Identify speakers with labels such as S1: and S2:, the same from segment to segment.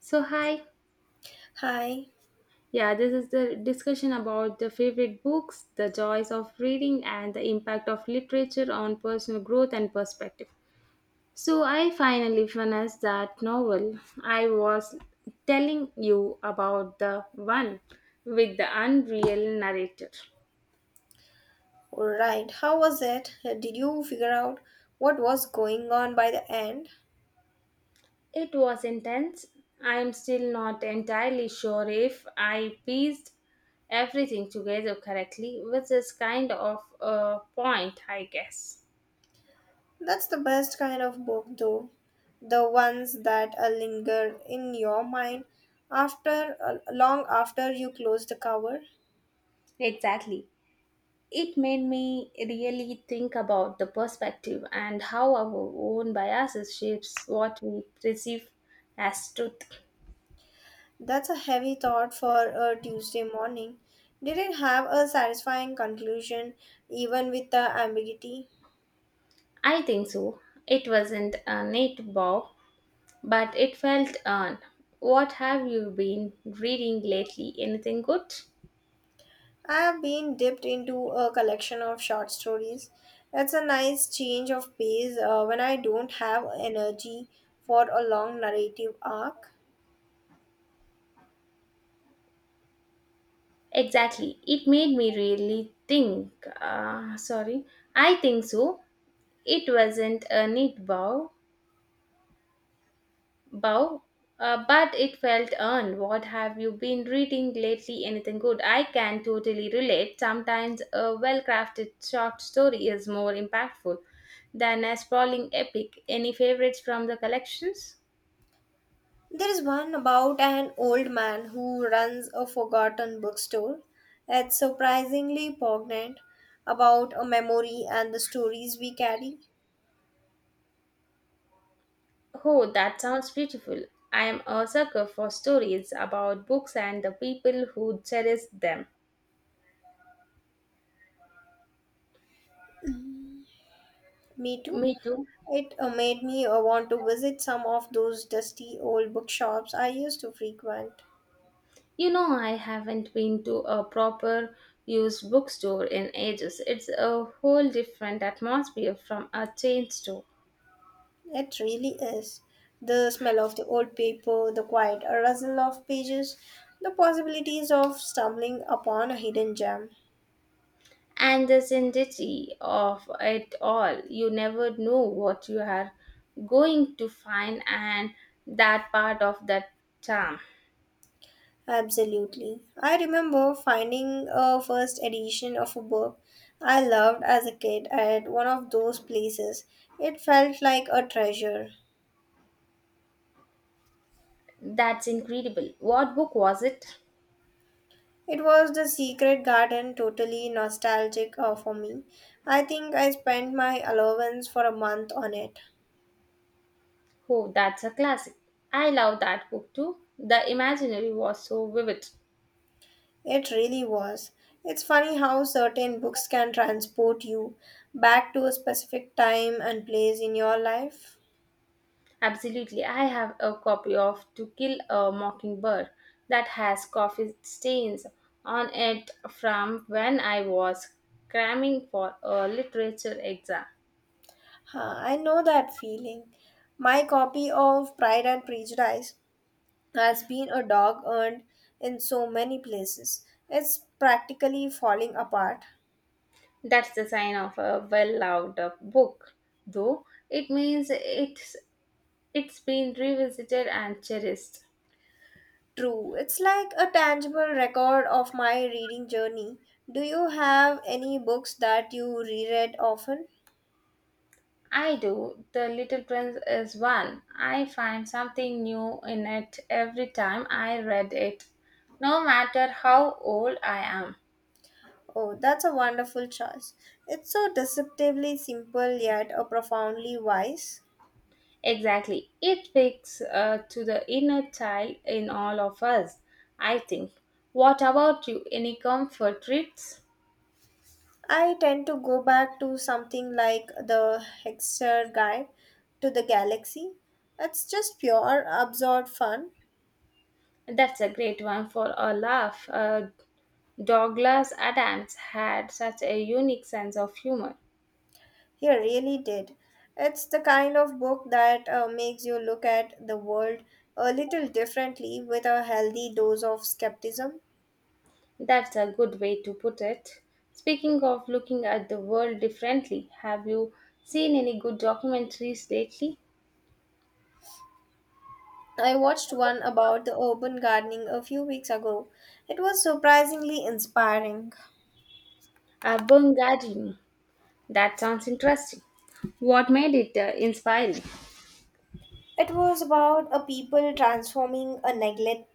S1: So, hi.
S2: Hi.
S1: Yeah, this is the discussion about the favorite books, the joys of reading, and the impact of literature on personal growth and perspective. So, I finally finished that novel I was telling you about, the one with the unreal narrator.
S2: Right. How was it? Did you figure out what was going on by the end?
S1: It was intense. I'm still not entirely sure if I pieced everything together correctly, which is kind of a point, I guess.
S2: That's the best kind of book, though. The ones that linger in your mind after long after you close the cover.
S1: Exactly. It made me really think about the perspective and how our own biases shapes what we perceive as truth.
S2: That's a heavy thought for a Tuesday morning. Did it have a satisfying conclusion, even with the ambiguity?
S1: I think so. It wasn't a native bow, but it felt earned. What have you been reading lately? Anything good?
S2: I have been dipped into a collection of short stories. It's a nice change of pace when I don't have energy for a long narrative arc.
S1: Exactly. It made me really think. Sorry. I think so. It wasn't a neat bow, Bow, but it felt earned. What have you been reading lately? Anything good? I can totally relate. Sometimes a well crafted short story is more impactful than a sprawling epic. Any favorites from the collections?
S2: There is one about an old man who runs a forgotten bookstore. It's surprisingly poignant about a memory and the stories we carry.
S1: Oh, that sounds beautiful. I am a sucker for stories about books and the people who cherish them.
S2: Me too.
S1: Me too.
S2: It made me want to visit some of those dusty old bookshops I used to frequent.
S1: You know, I haven't been to a proper used bookstore in ages. It's a whole different atmosphere from a chain store.
S2: It really is. The smell of the old paper, the quiet rustle of pages, the possibilities of stumbling upon a hidden gem.
S1: And the sanctity of it all, you never know what you are going to find, and that part of that charm.
S2: Absolutely. I remember finding a first edition of a book I loved as a kid at one of those places. It felt like a treasure.
S1: That's incredible. What book was it?
S2: It was the Secret Garden, totally nostalgic for me. I think I spent my allowance for a month on it.
S1: Oh, that's a classic. I love that book too. The imaginary was so vivid.
S2: It really was. It's funny how certain books can transport you back to a specific time and place in your life.
S1: Absolutely. I have a copy of To Kill a Mockingbird that has coffee stains on it from when I was cramming for a literature exam.
S2: Huh, I know that feeling. My copy of Pride and Prejudice has been a dog earned in so many places. It's practically falling apart.
S1: That's the sign of a well-loved book, though it means it's been revisited and cherished.
S2: True, it's like a tangible record of my reading journey. Do you have any books that you reread often?
S1: I do. The Little Prince is one. I find something new in it every time I read it, no matter how old I am.
S2: Oh, that's a wonderful choice. It's so deceptively simple yet profoundly wise.
S1: Exactly. It speaks to the inner child in all of us, I think. What about you? Any comfort trips?
S2: I tend to go back to something like the Hexer Guide to the Galaxy. It's just pure, absurd fun.
S1: That's a great one for a laugh. Douglas Adams had such a unique sense of humor.
S2: He really did. It's the kind of book that makes you look at the world a little differently with a healthy dose of skepticism.
S1: That's a good way to put it. Speaking of looking at the world differently, have you seen any good documentaries lately?
S2: I watched one about the urban gardening a few weeks ago. It was surprisingly inspiring.
S1: Burn Gardening. That sounds interesting. What made it inspiring?
S2: It was about a people transforming a neglect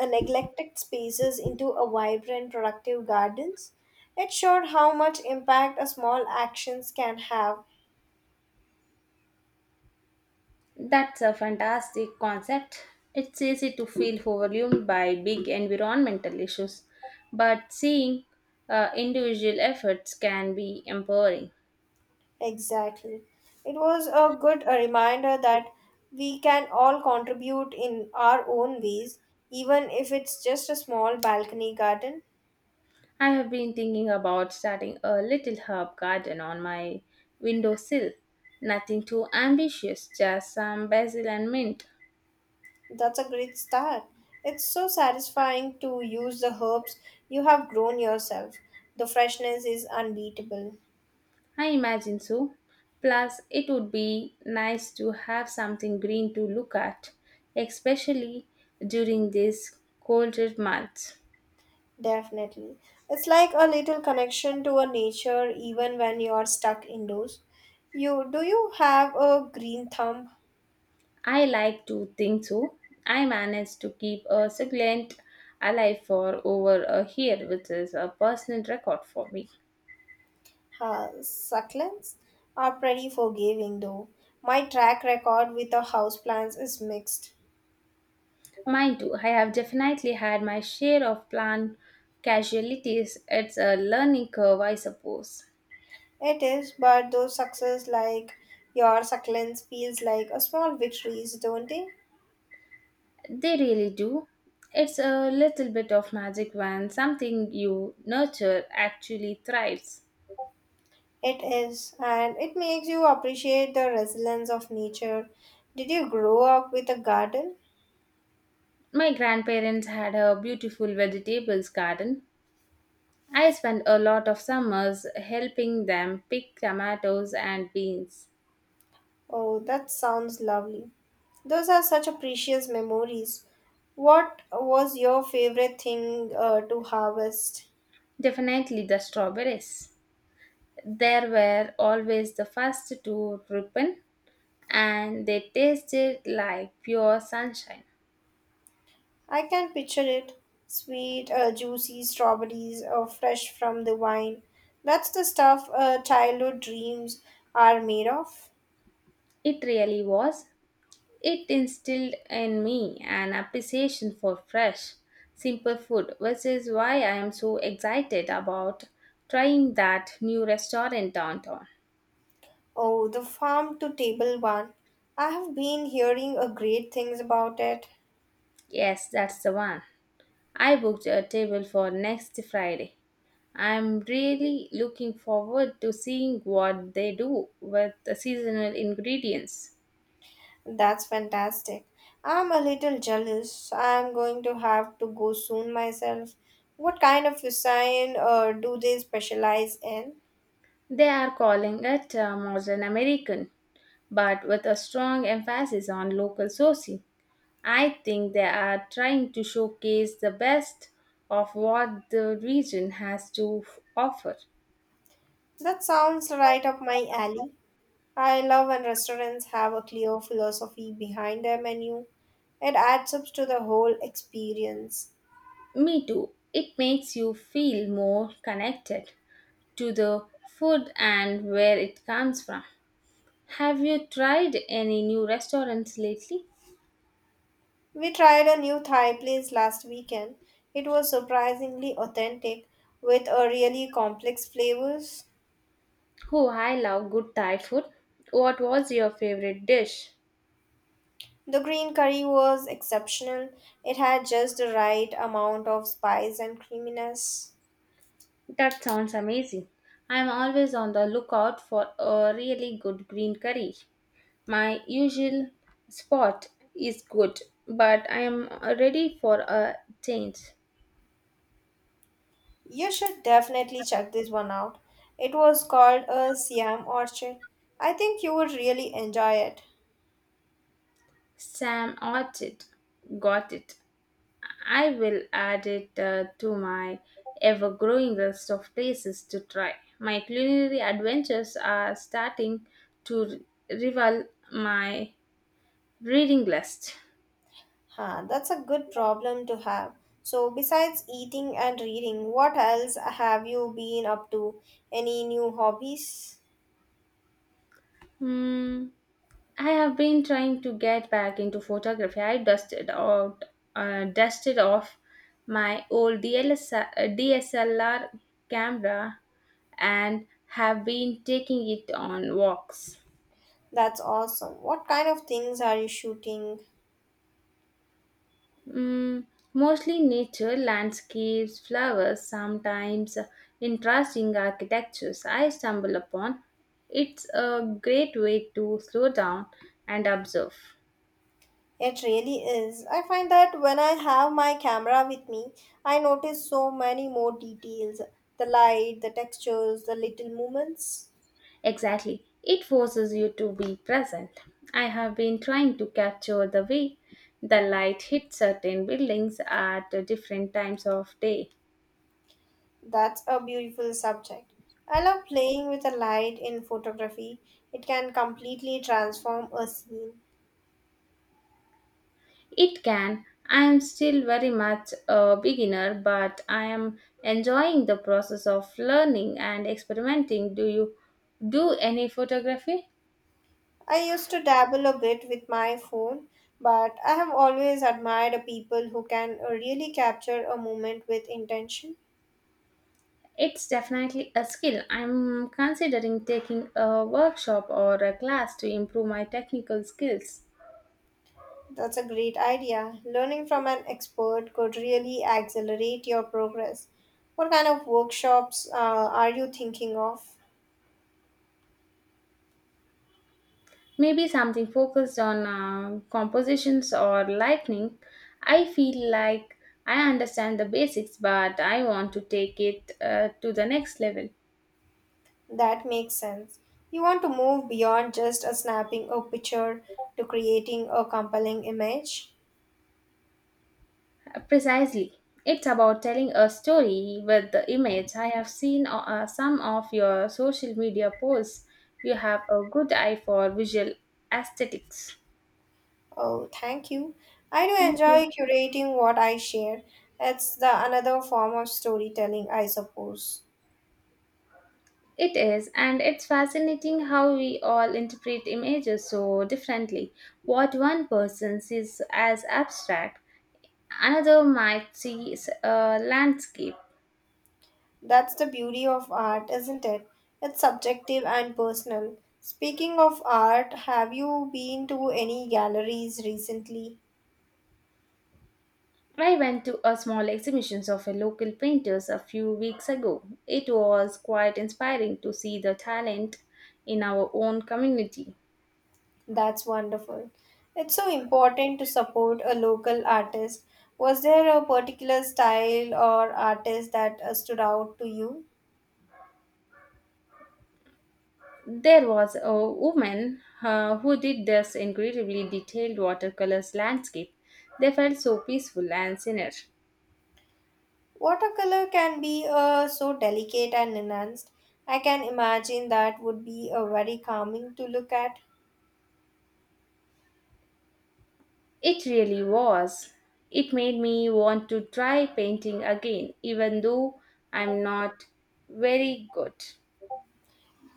S2: a neglected spaces into a vibrant productive gardens. It showed how much impact a small actions can have
S1: That's a fantastic concept. It's easy to feel overwhelmed by big environmental issues, but seeing individual efforts can be empowering.
S2: exactly. It was a good reminder that we can all contribute in our own ways, even if it's just a small balcony garden.
S1: I have been thinking about starting a little herb garden on my windowsill. Nothing too ambitious, just some basil and mint.
S2: That's a great start. It's so satisfying to use the herbs you have grown yourself. The freshness is unbeatable.
S1: I imagine so. Plus, it would be nice to have something green to look at, especially during these colder months.
S2: Definitely. It's like a little connection to a nature even when you're stuck indoors. You do you have a green thumb?
S1: I like to think so. I managed to keep a succulent alive for over a year, which is a personal record for me.
S2: Succulents are pretty forgiving though. My track record with the houseplants is mixed.
S1: Mind you, I have definitely had my share of plant casualties. It's a learning curve, I suppose.
S2: It is, but those success like your succulents feels like a small victories, don't they?
S1: They really do. It's a little bit of magic when something you nurture actually thrives.
S2: It is, and it makes you appreciate the resilience of nature. Did you grow up with a garden?
S1: My grandparents had a beautiful vegetables garden I spent a lot of summers helping them pick tomatoes and beans.
S2: Oh, that sounds lovely. Those are such a precious memories. What was your favorite thing to harvest?
S1: Definitely the strawberries. There were always the first to ripen, and they tasted like pure sunshine.
S2: I can picture it. Sweet, juicy strawberries fresh from the vine. That's the stuff childhood dreams are made of.
S1: It really was. It instilled in me an appreciation for fresh, simple food, which is why I am so excited about trying that new restaurant downtown.
S2: Oh, the farm to table one. I have been hearing great things about it.
S1: Yes, that's the one. I booked a table for next Friday. I'm really looking forward to seeing what they do with the seasonal ingredients.
S2: That's fantastic. I'm a little jealous. I'm going to have to go soon myself. What kind of design do they specialize in?
S1: They are calling it modern American, but with a strong emphasis on local sourcing. I think they are trying to showcase the best of what the region has to offer.
S2: That sounds right up my alley. I love when restaurants have a clear philosophy behind their menu. It adds up to the whole experience.
S1: Me too. It makes you feel more connected to the food and where it comes from. Have you tried any new restaurants lately?
S2: We tried a new Thai place last weekend. It was surprisingly authentic with a really complex flavors.
S1: Oh, I love good Thai food. What was your favorite dish?
S2: The green curry was exceptional. It had just the right amount of spice and creaminess.
S1: That sounds amazing. I'm always on the lookout for a really good green curry. My usual spot is good, but I am ready for a change.
S2: You should definitely check this one out. It was called a Siam Orchid. I think you would really enjoy it.
S1: Sam Orchid got it. I will add it to my ever growing list of places to try. My culinary adventures are starting to rival my reading list.
S2: Huh, that's a good problem to have. So, besides eating and reading, what else have you been up to? Any new hobbies?
S1: Hmm. I have been trying to get back into photography. I dusted off my old DSLR camera and have been taking it on walks.
S2: That's awesome. What kind of things are you shooting?
S1: Mm, mostly nature, landscapes, flowers, sometimes interesting architectures I stumble upon. It's a great way to slow down and observe.
S2: It really is. I find that when I have my camera with me, I notice so many more details the light, the textures, the little movements.
S1: Exactly, it forces you to be present. I have been trying to capture the way the light hits certain buildings at different times of day.
S2: That's a beautiful subject. I love playing with the light in photography, it can completely transform a scene.
S1: It can. I am still very much a beginner, but I am enjoying the process of learning and experimenting. Do you do any photography?
S2: I used to dabble a bit with my phone, but I have always admired people who can really capture a moment with intention.
S1: It's definitely a skill. I'm considering taking a workshop or a class to improve my technical skills.
S2: That's a great idea. Learning from an expert could really accelerate your progress. What kind of workshops are you thinking of?
S1: Maybe something focused on compositions or lighting. I feel like I understand the basics, but I want to take it to the next level.
S2: That makes sense. You want to move beyond just a snapping a picture to creating a compelling image.
S1: Precisely. It's about telling a story with the image. I have seen some of your social media posts. You have a good eye for visual aesthetics.
S2: Oh, thank you. I do
S1: Thank you.
S2: enjoy curating what I share. It's the another form of storytelling, I suppose.
S1: It is, and it's fascinating how we all interpret images so differently. What one person sees as abstract, another might see as a landscape.
S2: That's the beauty of art, isn't it? It's subjective and personal. Speaking of art, have you been to any galleries recently?
S1: I went to a small exhibition of a local painters a few weeks ago. It was quite inspiring to see the talent in our own community.
S2: That's wonderful. It's so important to support a local artist. Was there a particular style or artist that stood out to you?
S1: There was a woman who did this incredibly detailed watercolors landscape. They felt so peaceful and serene.
S2: Watercolor can be so delicate and enhanced. I can imagine that would be very calming to look at.
S1: It really was. It made me want to try painting again, even though I'm not very good.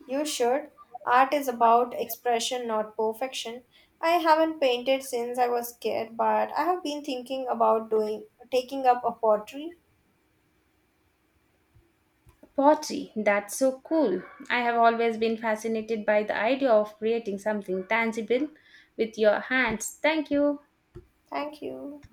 S2: You should. Art is about expression, not perfection. I haven't painted since I was a kid, but I have been thinking about doing taking up a pottery.
S1: Pottery, that's so cool. I have always been fascinated by the idea of creating something tangible with your hands. Thank you.
S2: Thank you.